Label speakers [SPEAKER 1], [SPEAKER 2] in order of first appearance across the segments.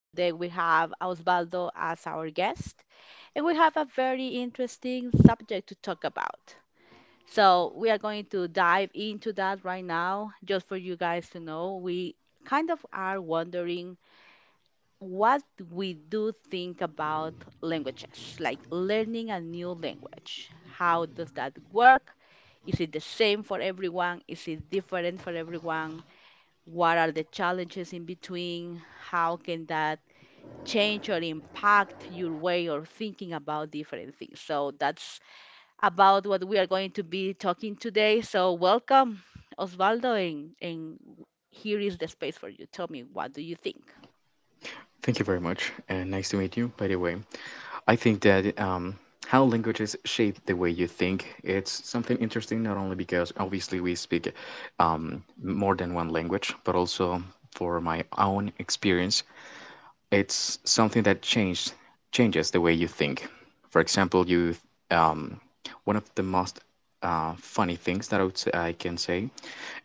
[SPEAKER 1] Today we have Osvaldo as our guest, and we have a very interesting subject to talk about. So we are going to dive into that right now. Just for you guys to know, we kind of are wondering what we do think about languages, like learning a new language. How does that work? Is it the same for everyone? Is it different for everyone? What are the challenges in between? How can that change or impact your way or thinking about different things? So that's about what we are going to be talking today. So welcome, Osvaldo, and here is the space for you. Tell me, what do you think?
[SPEAKER 2] Thank you very much, and nice to meet you, by the way. I think that how languages shape the way you think, it's something interesting, not only because obviously we speak more than one language, but also for my own experience, it's something that changes the way you think. For example, you um, one of the most funny things that I can say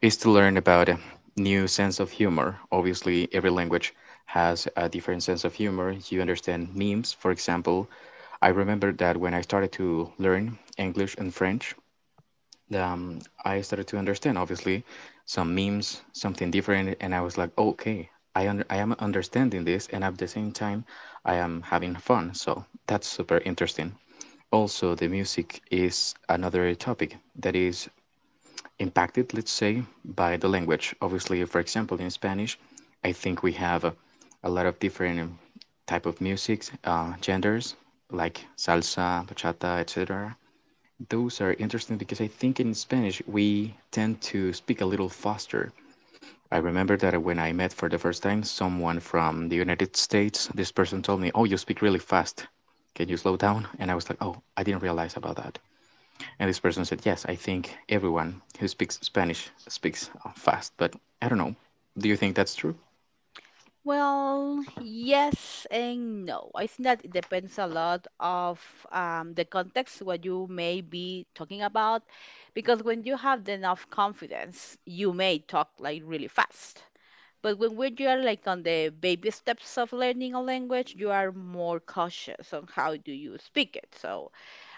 [SPEAKER 2] is to learn about a new sense of humor. Obviously, every language has a different sense of humor. You understand memes, for example. I remember that when I started to learn English and French, um, I started to understand, obviously, some memes, something different, and I was like, "Oh, okay, I am understanding this, and at the same time, I am having fun." So that's super interesting. Also, the music is another topic that is impacted, let's say, by the language. Obviously, for example, in Spanish, I think we have a lot of different type of music, genders like salsa, bachata, etc. Those are interesting because I think in Spanish we tend to speak a little faster. I remember that when I met for the first time someone from the United States, this person told me, "Oh, you speak really fast. Can you slow down?" And I was like, "Oh, I didn't realize about that." And this person said, "Yes, I think everyone who speaks Spanish speaks fast," but I don't know. Do you think that's true?
[SPEAKER 1] Well, yes and no. I think that it depends a lot of the context what you may be talking about, because when you have enough confidence, you may talk like really fast. But you are like on the baby steps of learning a language, you are more cautious on how do you speak it. So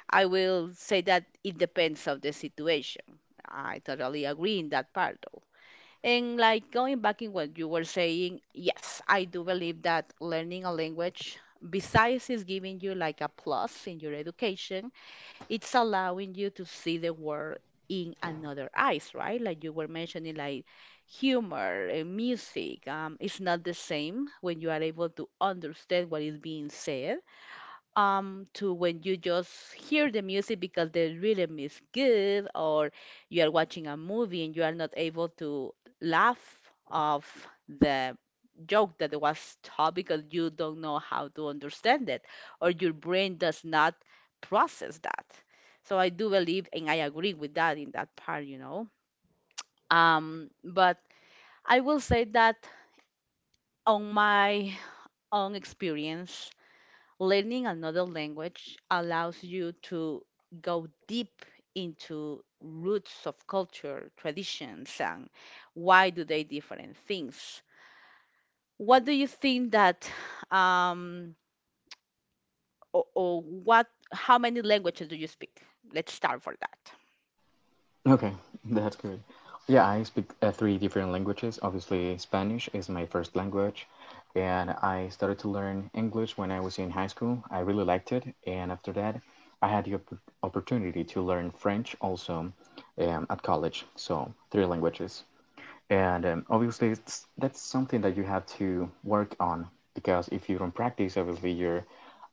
[SPEAKER 1] I will say that it depends of the situation. I totally agree in that part though. And like going back in what you were saying, yes, I do believe that learning a language, besides is giving you like a plus in your education, it's allowing you to see the world in another eyes, right? Like you were mentioning, like humor, music. It's not the same when you are able to understand what is being said to when you just hear the music because the rhythm is good, or you are watching a movie and you are not able to laugh of the joke that was taught because you don't know how to understand it or your brain does not process that. So I do believe and I agree with that in that part, you know. But I will say that on my own experience, learning another language allows you to go deep into roots of culture, traditions, and why do they different things. What do you think that, um, how many languages do you speak? Let's start for that.
[SPEAKER 2] Okay, that's good. Yeah, I speak three different languages. Obviously, Spanish is my first language, and I started to learn English when I was in high school. I really liked it, and after that, I had the opportunity to learn French also at college. So, three languages. And obviously, that's something that you have to work on because if you don't practice, obviously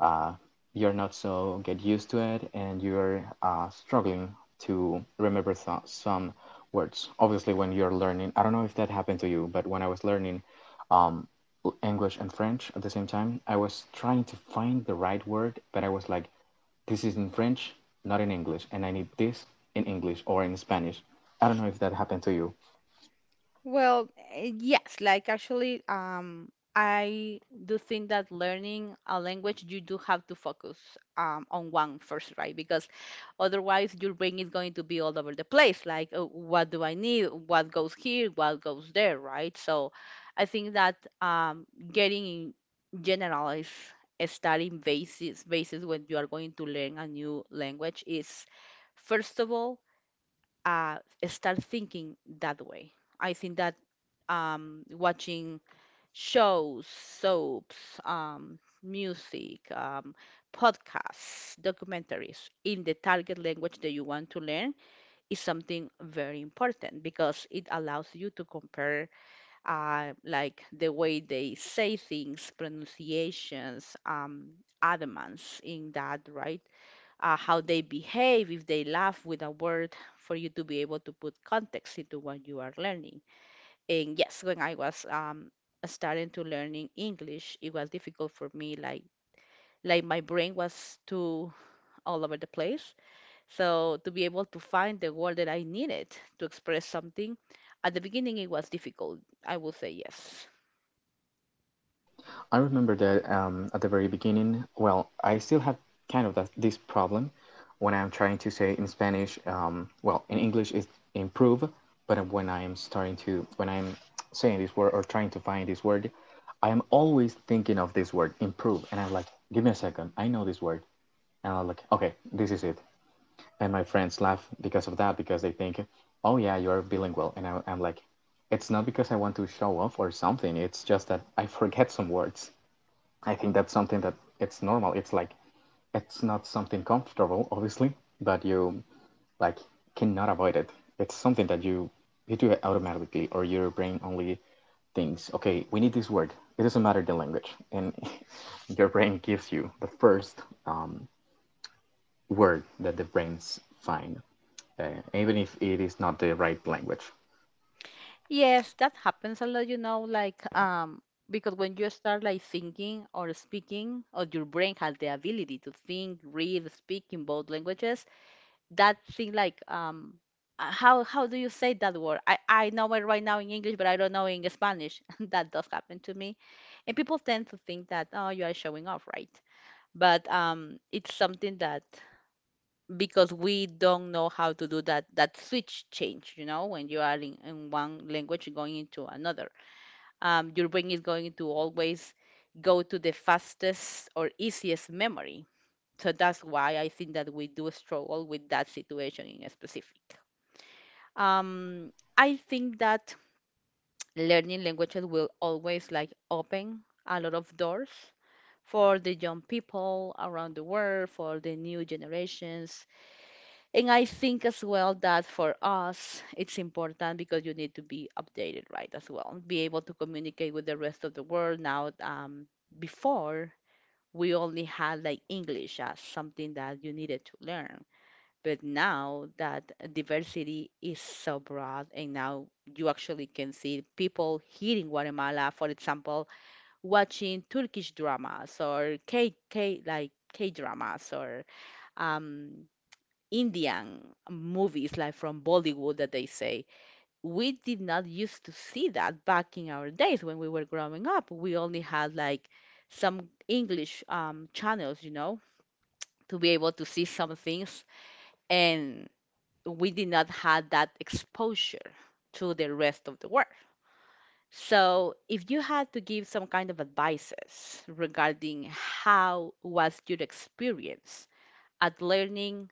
[SPEAKER 2] uh, you're not so get used to it, and you're struggling to remember some words. Obviously, when you're learning, I don't know if that happened to you, but when I was learning um, English and French at the same time, I was trying to find the right word, but I was like, this is in French, not in English, and I need this in English or in Spanish. I don't know if that happened to you.
[SPEAKER 1] Well, yes, like actually, I do think that learning a language, you do have to focus on one first, right? Because otherwise, your brain is going to be all over the place. Like, oh, what do I need? What goes here? What goes there, right? So I think that um, getting in general is a starting basis, basis when you are going to learn a new language is, first of all, uh, start thinking that way. I think that watching shows, soaps, music, podcasts, documentaries in the target language that you want to learn is something very important because it allows you to compare like the way they say things, pronunciations, adamants in that, right? How they behave, if they laugh with a word, for you to be able to put context into what you are learning. And yes, when I was starting to learning English, it was difficult for me. Like my brain was too all over the place. So to be able to find the word that I needed to express something, at the beginning it was difficult. I will say yes.
[SPEAKER 2] I remember that at the very beginning, well, I still have kind of that, this problem when I'm trying to say in Spanish, well, in English it's improve, but when I'm starting to, when I'm saying this word or trying to find this word, I am always thinking of this word, improve. And I'm like, give me a second, I know this word. And I'm like, okay, this is it. And my friends laugh because of that, because they think, oh yeah, you are bilingual. And I'm like, it's not because I want to show off or something, it's just that I forget some words. I think that's something that it's normal. It's like it's not something comfortable, obviously, but you like cannot avoid it. It's something that you do it automatically, or your brain only thinks, okay, we need this word. It doesn't matter the language, and your brain gives you the first um, word that the brains find, uh, even if it is not the right language.
[SPEAKER 1] Yes, that happens a lot, you know, like because when you start like thinking or speaking, or your brain has the ability to think, read, speak in both languages, that thing like how do you say that word? I know it right now in English, but I don't know in Spanish. That does happen to me, and people tend to think that oh, you are showing off, right? But it's something that because we don't know how to do that switch change, you know, when you are in one language going into another, your brain is going to always go to the fastest or easiest memory. So that's why I think that we do struggle with that situation in specific. Um, I think that learning languages will always like open a lot of doors for the young people around the world, for the new generations. And I think as well that for us, it's important because you need to be updated, right, as well, be able to communicate with the rest of the world now. Before, we only had like English as something that you needed to learn. But now that diversity is so broad, and now you actually can see people here in Guatemala, for example, watching Turkish dramas or K K like K dramas or um, Indian movies, like from Bollywood that they say. We did not used to see that back in our days when we were growing up. We only had like some English channels, you know, to be able to see some things. And we did not have that exposure to the rest of the world. So, if you had to give some kind of advices regarding how was your experience at learning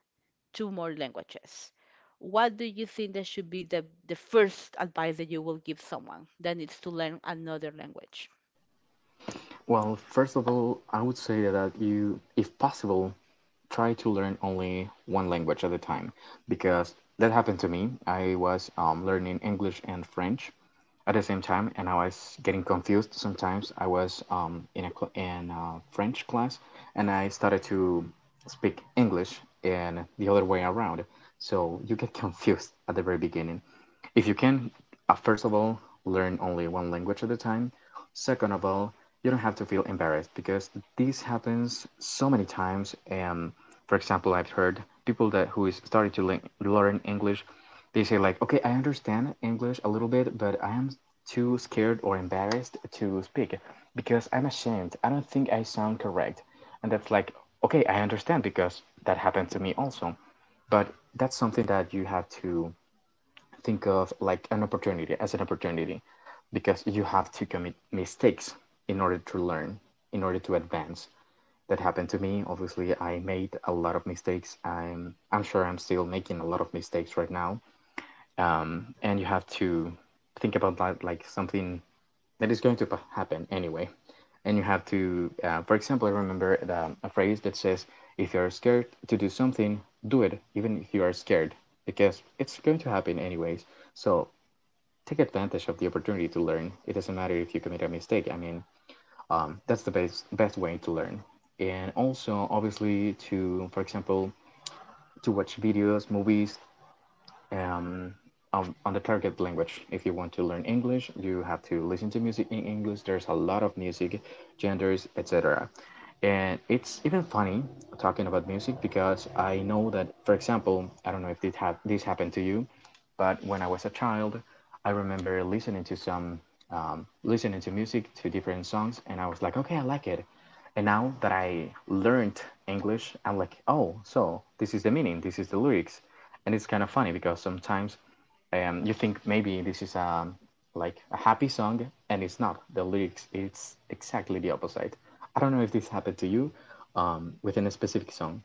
[SPEAKER 1] two more languages, what do you think that should be the first advice that you will give someone that needs to learn another language?
[SPEAKER 2] Well, first of all, I would say that you, if possible, try to learn only one language at a time because that happened to me. I was learning English and French at the same time, and I was getting confused sometimes. I was in a in a French class, and I started to speak English and the other way around. So you get confused at the very beginning. If you can, first of all, learn only one language at a time. Second of all, you don't have to feel embarrassed because this happens so many times. And for example, I've heard people that who is starting to learn English, they say like, okay, I understand English a little bit, but I am too scared or embarrassed to speak because I'm ashamed. I don't think I sound correct. And that's like, okay, I understand because that happened to me also. But that's something that you have to think of like an opportunity as an opportunity because you have to commit mistakes in order to learn, in order to advance. That happened to me. Obviously, I made a lot of mistakes. I'm sure I'm still making a lot of mistakes right now and you have to think about like something that is going to happen anyway. And you have to, for example, I remember a phrase that says, if you are scared to do something, do it, even if you are scared, because it's going to happen anyways. So take advantage of the opportunity to learn. It doesn't matter if you commit a mistake. I mean, that's the best way to learn. And also, obviously, to, for example, to watch videos, movies, um, of on the target language. If you want to learn English, you have to listen to music in English. There's a lot of music, genders, etc. And it's even funny talking about music because I know that, for example, I don't know if this happened to you, but when I was a child, I remember listening to some listening to music to different songs, and I was like, okay, I like it. And now that I learned English, I'm like, oh, so this is the meaning, this is the lyrics, and it's kind of funny because sometimes and you think maybe this is a like a happy song and it's not the lyrics, it's exactly the opposite. I don't know if this happened to you within a specific song.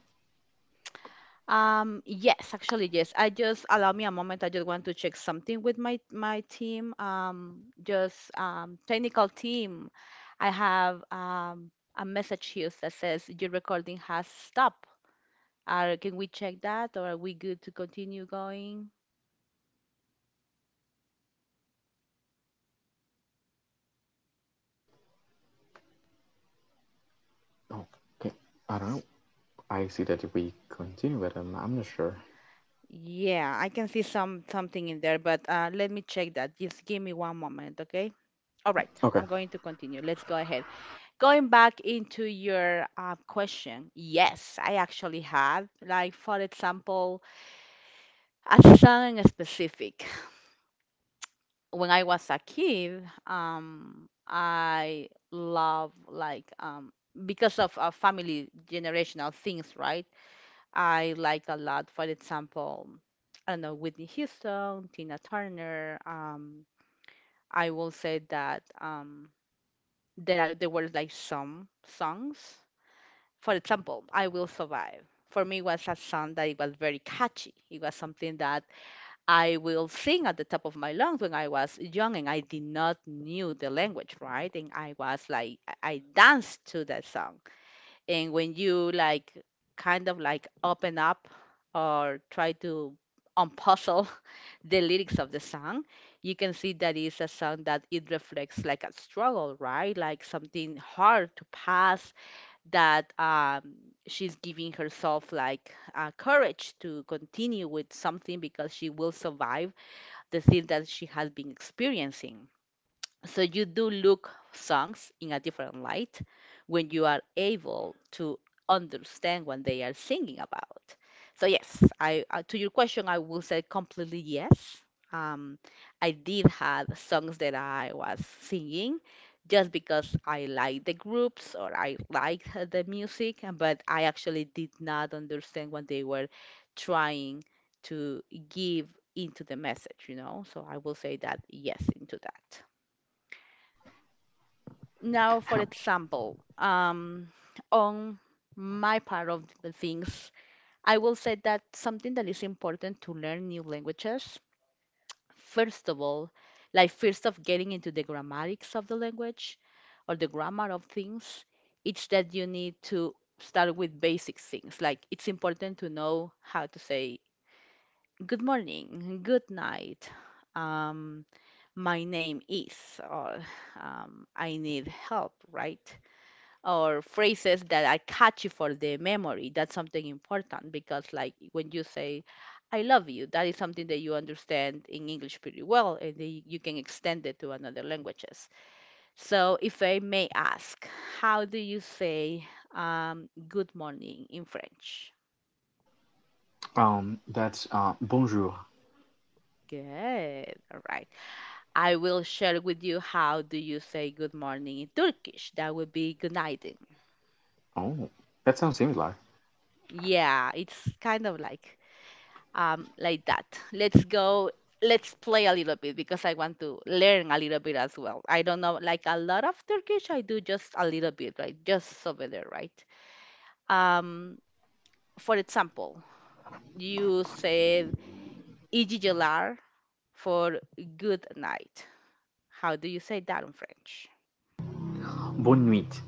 [SPEAKER 2] Oh, okay, I don't know. I see that we continue, but I'm not sure. Okay. That's bonjour. Oh, that sounds similar, bonne nuit.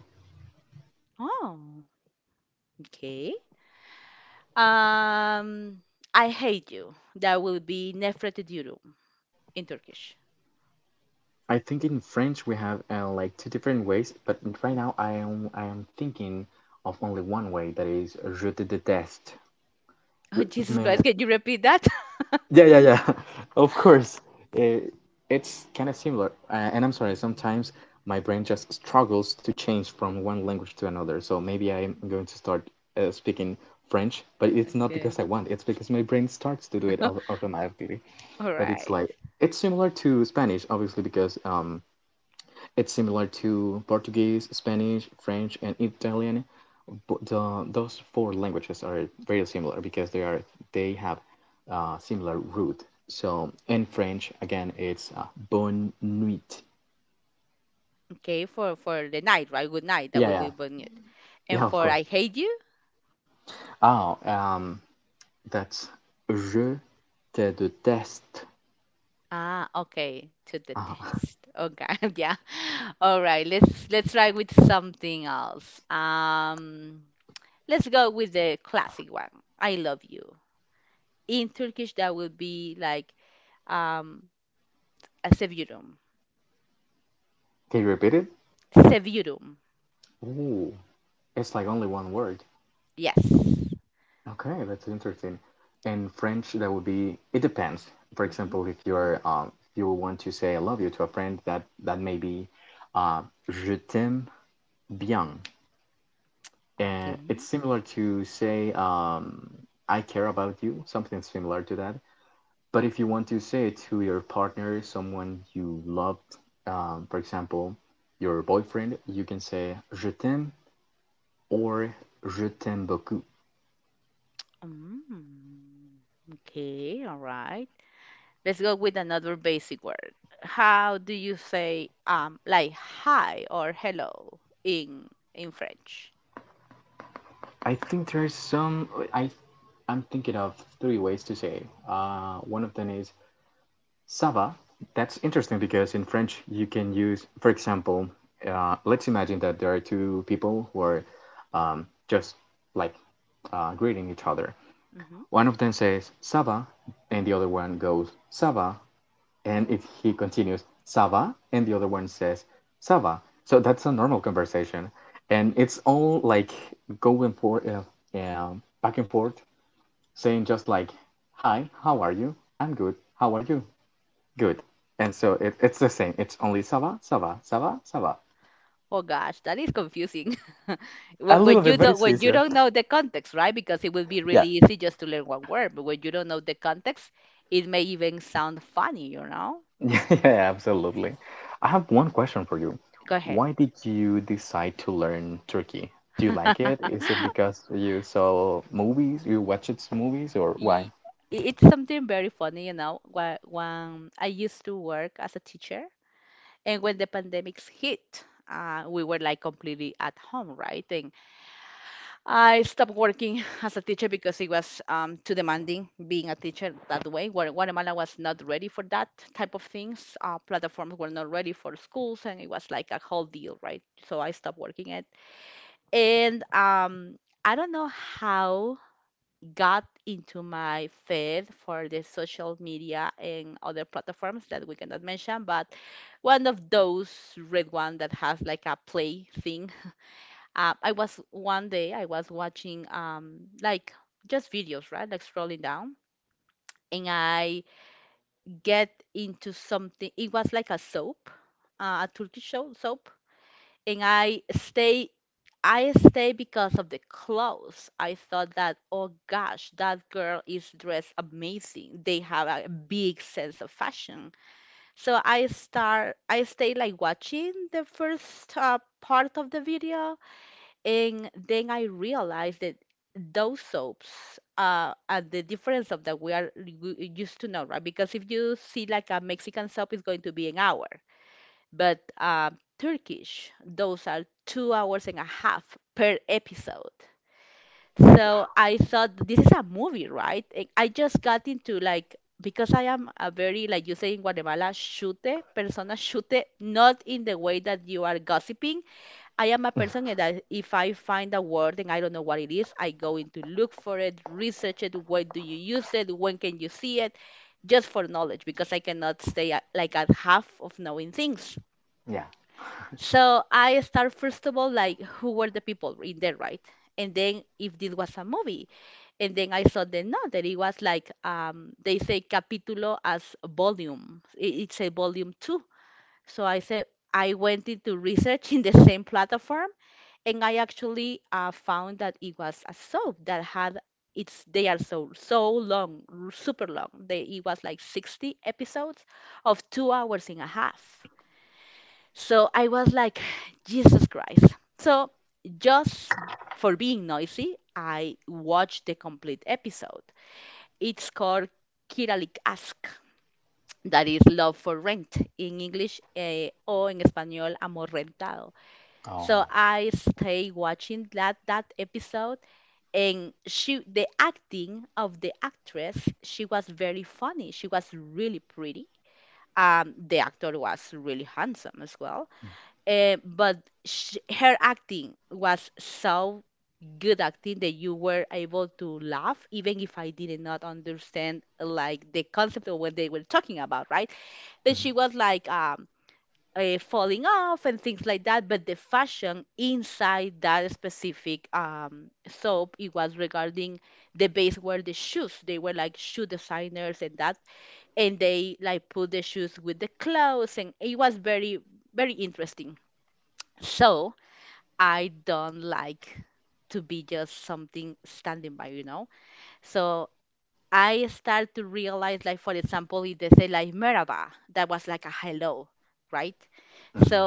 [SPEAKER 2] I think in French we have like two different ways, but right now I am thinking of only one way, that is je te déteste mais. Yeah, yeah, yeah. Of course. It, it's kind of similar. And I'm sorry, sometimes my brain just struggles to change from one language to another. So maybe I'm going to start speaking French, but it's not because I want, it's because my brain starts to do it automatically. But it's like, it's similar to Spanish, obviously, because it's similar to Portuguese, Spanish, French, and Italian. But the, those four languages are very similar because they have similar root. So in French, again, it's bonne nuit. Yeah, yeah, yeah. Of course. Oh, that's je te déteste. Uh, can you repeat it? Ooh, it's like only one word. Okay, that's interesting. In French, that would be it depends. For example, if you're if you want to say I love you to a friend, that may be uh, je t'aime bien, and it's similar to say I care about you, something similar to that. But if you want to say it to your partner, someone you loved, for example, your boyfriend, you can say je t'aime or je t'aime beaucoup. I think there's some. I I'm thinking of three ways to say it. One of them is Sava. That's interesting because in French you can use, for example, let's imagine that there are two people who are just like greeting each other. One of them says Sava, and the other one goes Sava, and if he continues Sava, and the other one says Sava. So that's a normal conversation, and it's all like going for back and forth saying just like, "Hi, how are you? I'm good. How are you? Good." And so it's the same. It's only ça va, ça va, ça va, ça va. A little bit, but it's easier. Yeah. Yeah, yeah, absolutely. I have one question for you. Why did you decide to learn Turkey? Do you like it? Is it because you saw movies, you watched its movies, or why? Yeah. Oh. Hmm. Hmm.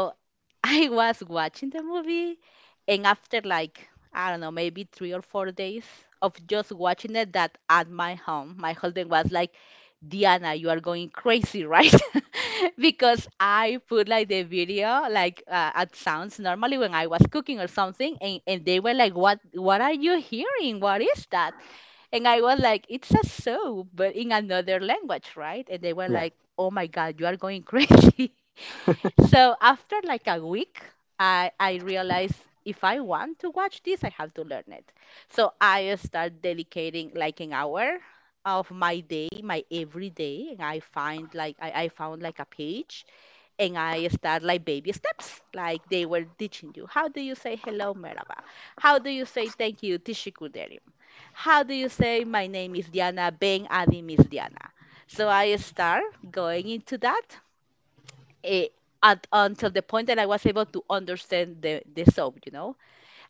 [SPEAKER 2] Yeah.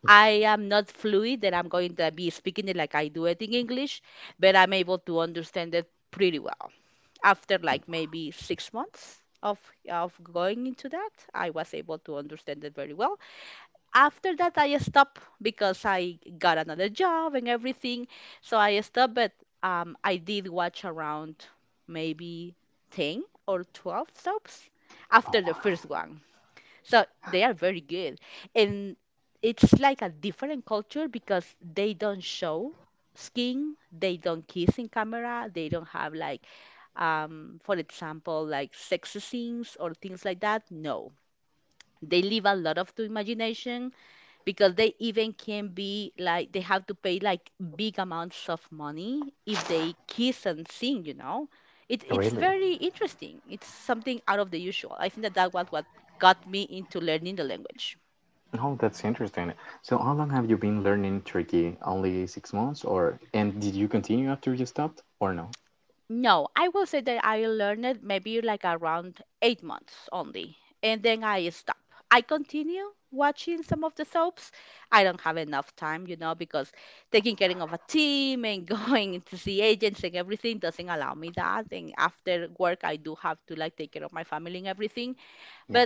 [SPEAKER 2] Yeah. Oh, really? Oh, that's interesting. So, how long have you been learning Turkey? Only 6 months, or and did you continue after you stopped, or no? Yeah.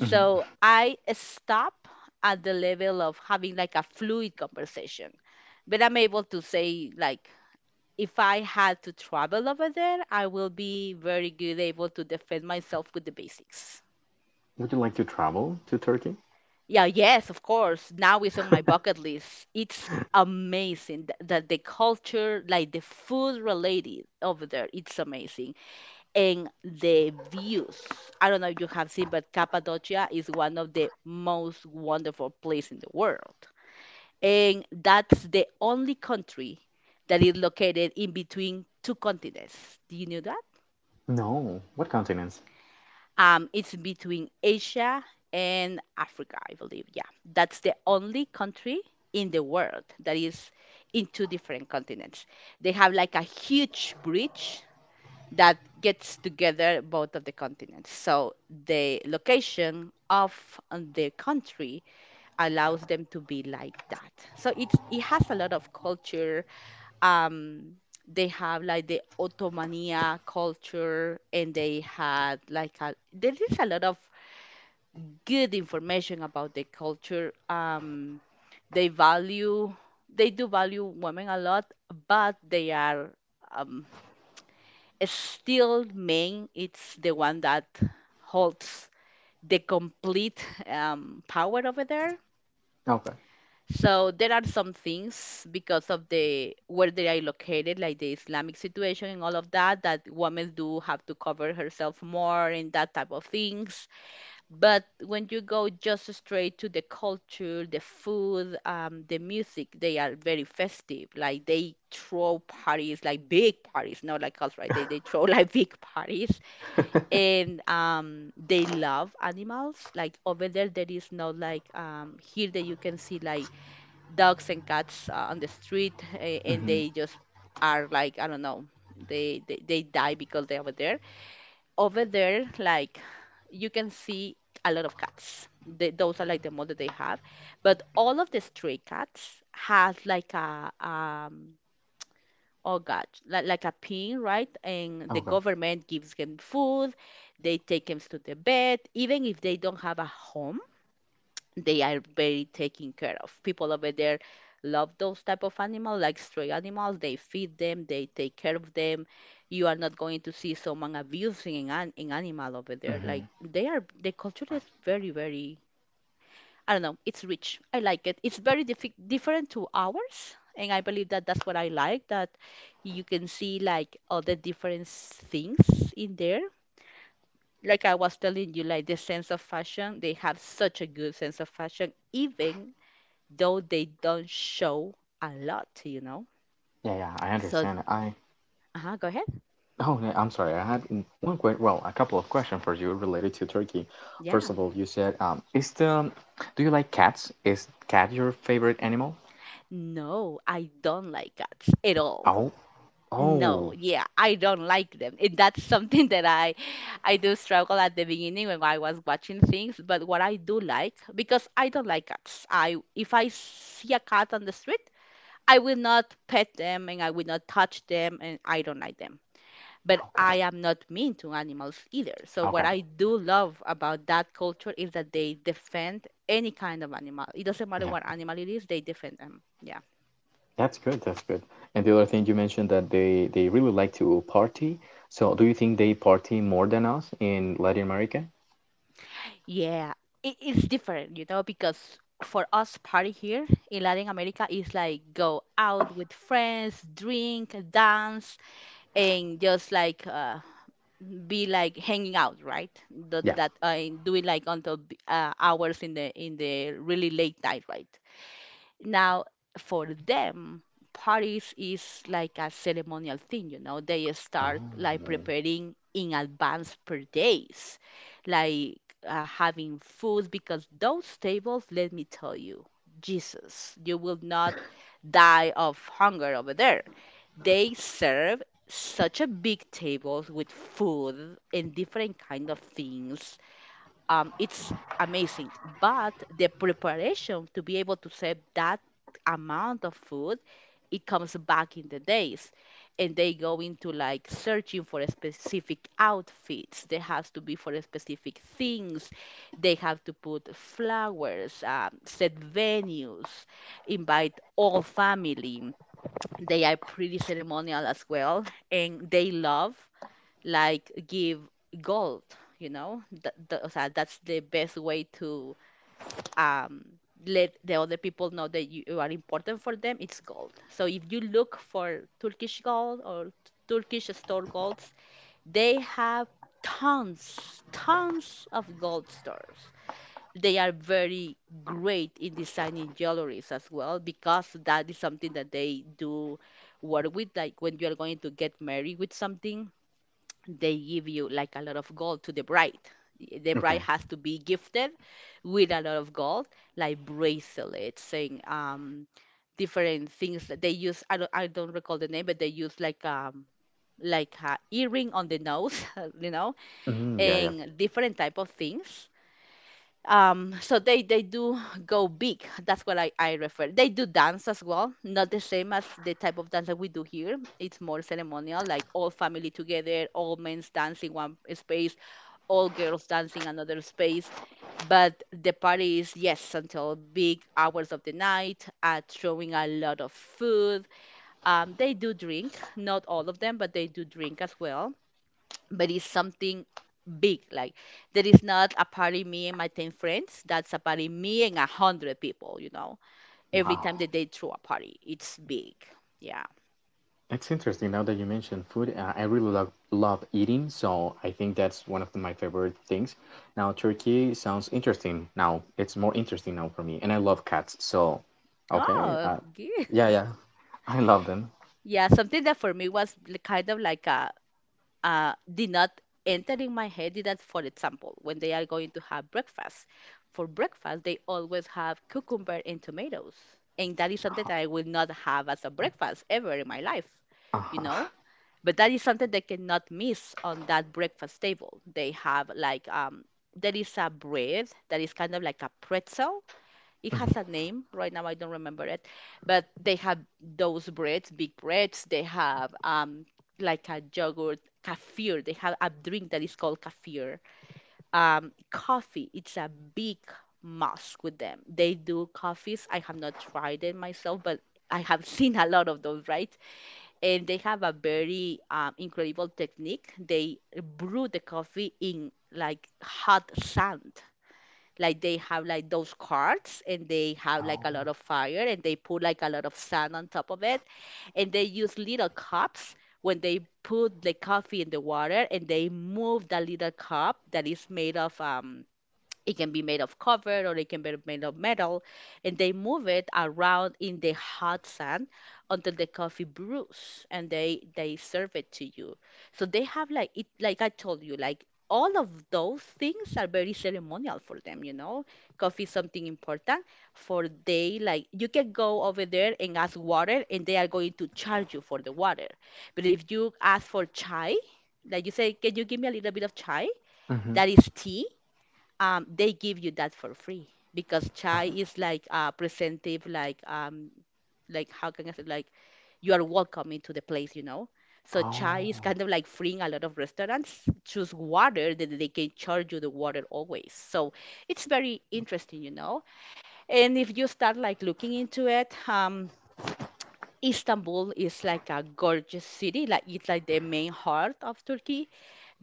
[SPEAKER 2] Hmm. Would you like to travel to Turkey? No. What continents? Okay. Hmm. Okay. Hmm. Yeah, yeah, I understand. No, I'm sorry. I had n- one que well, a couple of questions for you related to Turkey. First of all, you said is the do you like cats? Is cat your favorite animal? Oh, oh, okay, okay, yeah. That's good. That's good. And the other thing you mentioned that they really like to party. So do you think they party more than us in Latin America? Yeah. Oh, okay. Mhm, yeah, yeah. Wow. It's interesting now that you mentioned food. I really love eating, so I think that's one of my favorite things. Now, Turkey sounds interesting now. It's more interesting now for me, and I love cats. So, okay. Yeah, yeah. I love them. Uh-huh. Mhm. Oh. Hmm. Oh. Oh.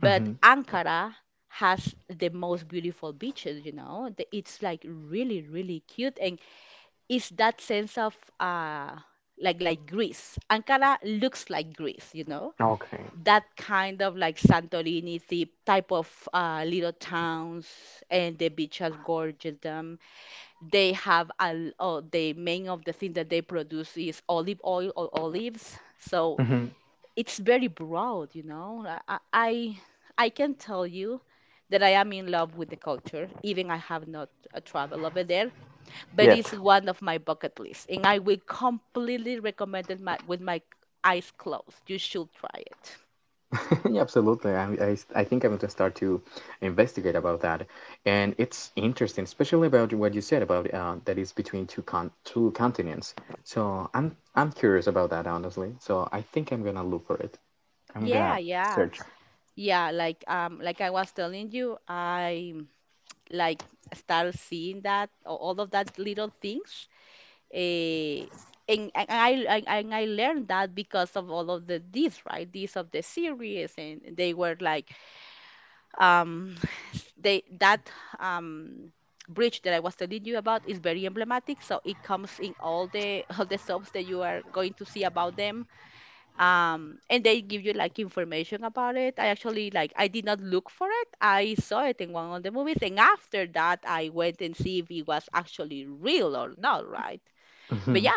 [SPEAKER 2] Hmm. Okay. Hmm. Yet. Yeah, absolutely. I think I'm going to start to investigate about that. And it's interesting, especially about what you said about that is between two continents. So I'm curious about that, honestly. So I think I'm gonna look for it. I'm gonna search. Hmm.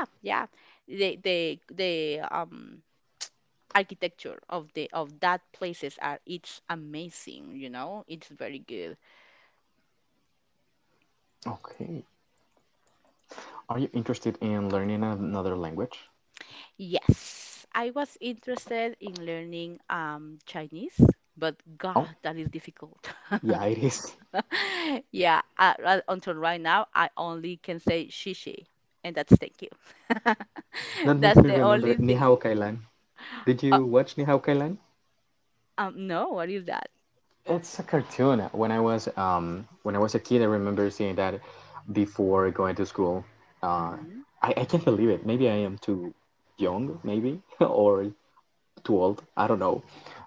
[SPEAKER 2] Okay. Are you interested in learning another language? Oh, yeah, it is. That makes me remember Ni Hao Kai Lan. Did you watch Ni Hao Kai Lan? It's a cartoon. When I was a kid, I remember seeing that before going to school. Uh, I can't believe it. Maybe I am too young, maybe or too old. I don't know.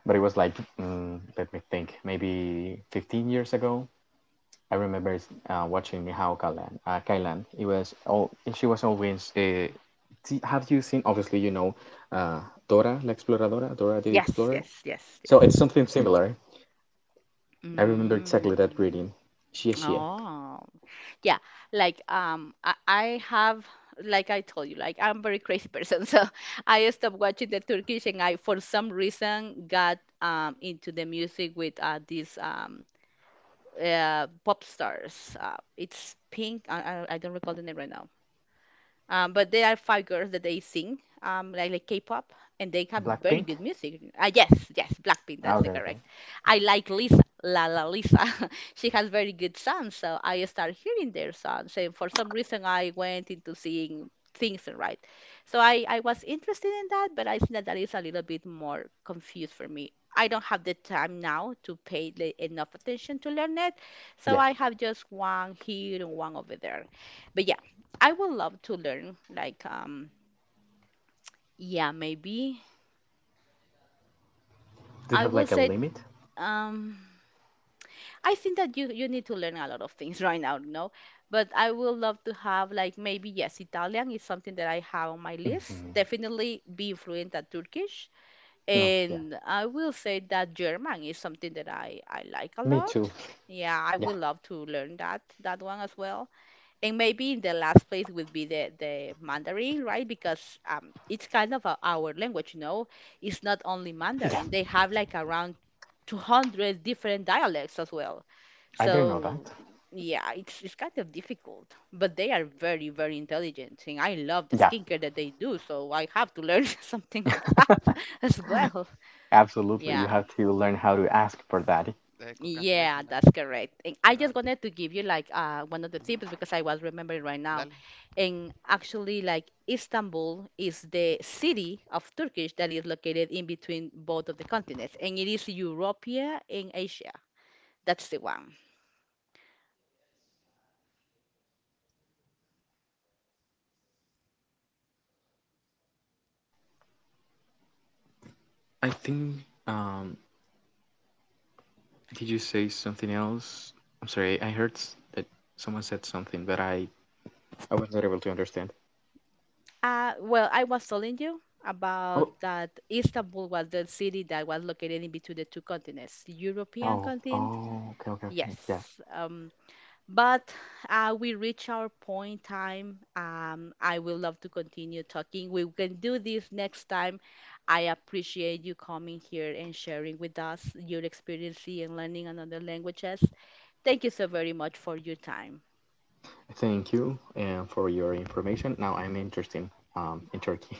[SPEAKER 2] But it was like mm, let me think. Maybe 15 years ago. I remember watching Nihao Kailan. Kailan. It was oh she was always have you seen obviously you know uh Dora la Exploradora, Dora the Explorer. So it's something Mm. similar. I remember exactly that reading. Xie Xie. Blackpink? Ah, okay, okay. Yeah. Do you have like a limit? Mm-hmm. No. Yeah. Me too. Yeah. Yeah. I didn't know that. Yeah. Absolutely. You have to learn how to ask for that. I think. Um. Did you say something else? I'm sorry. I heard that someone said something, but I was not able to understand. Oh. Oh. Oh, okay. Okay. Okay. Yeah. Thank you for your information. Now I'm interested in Turkey.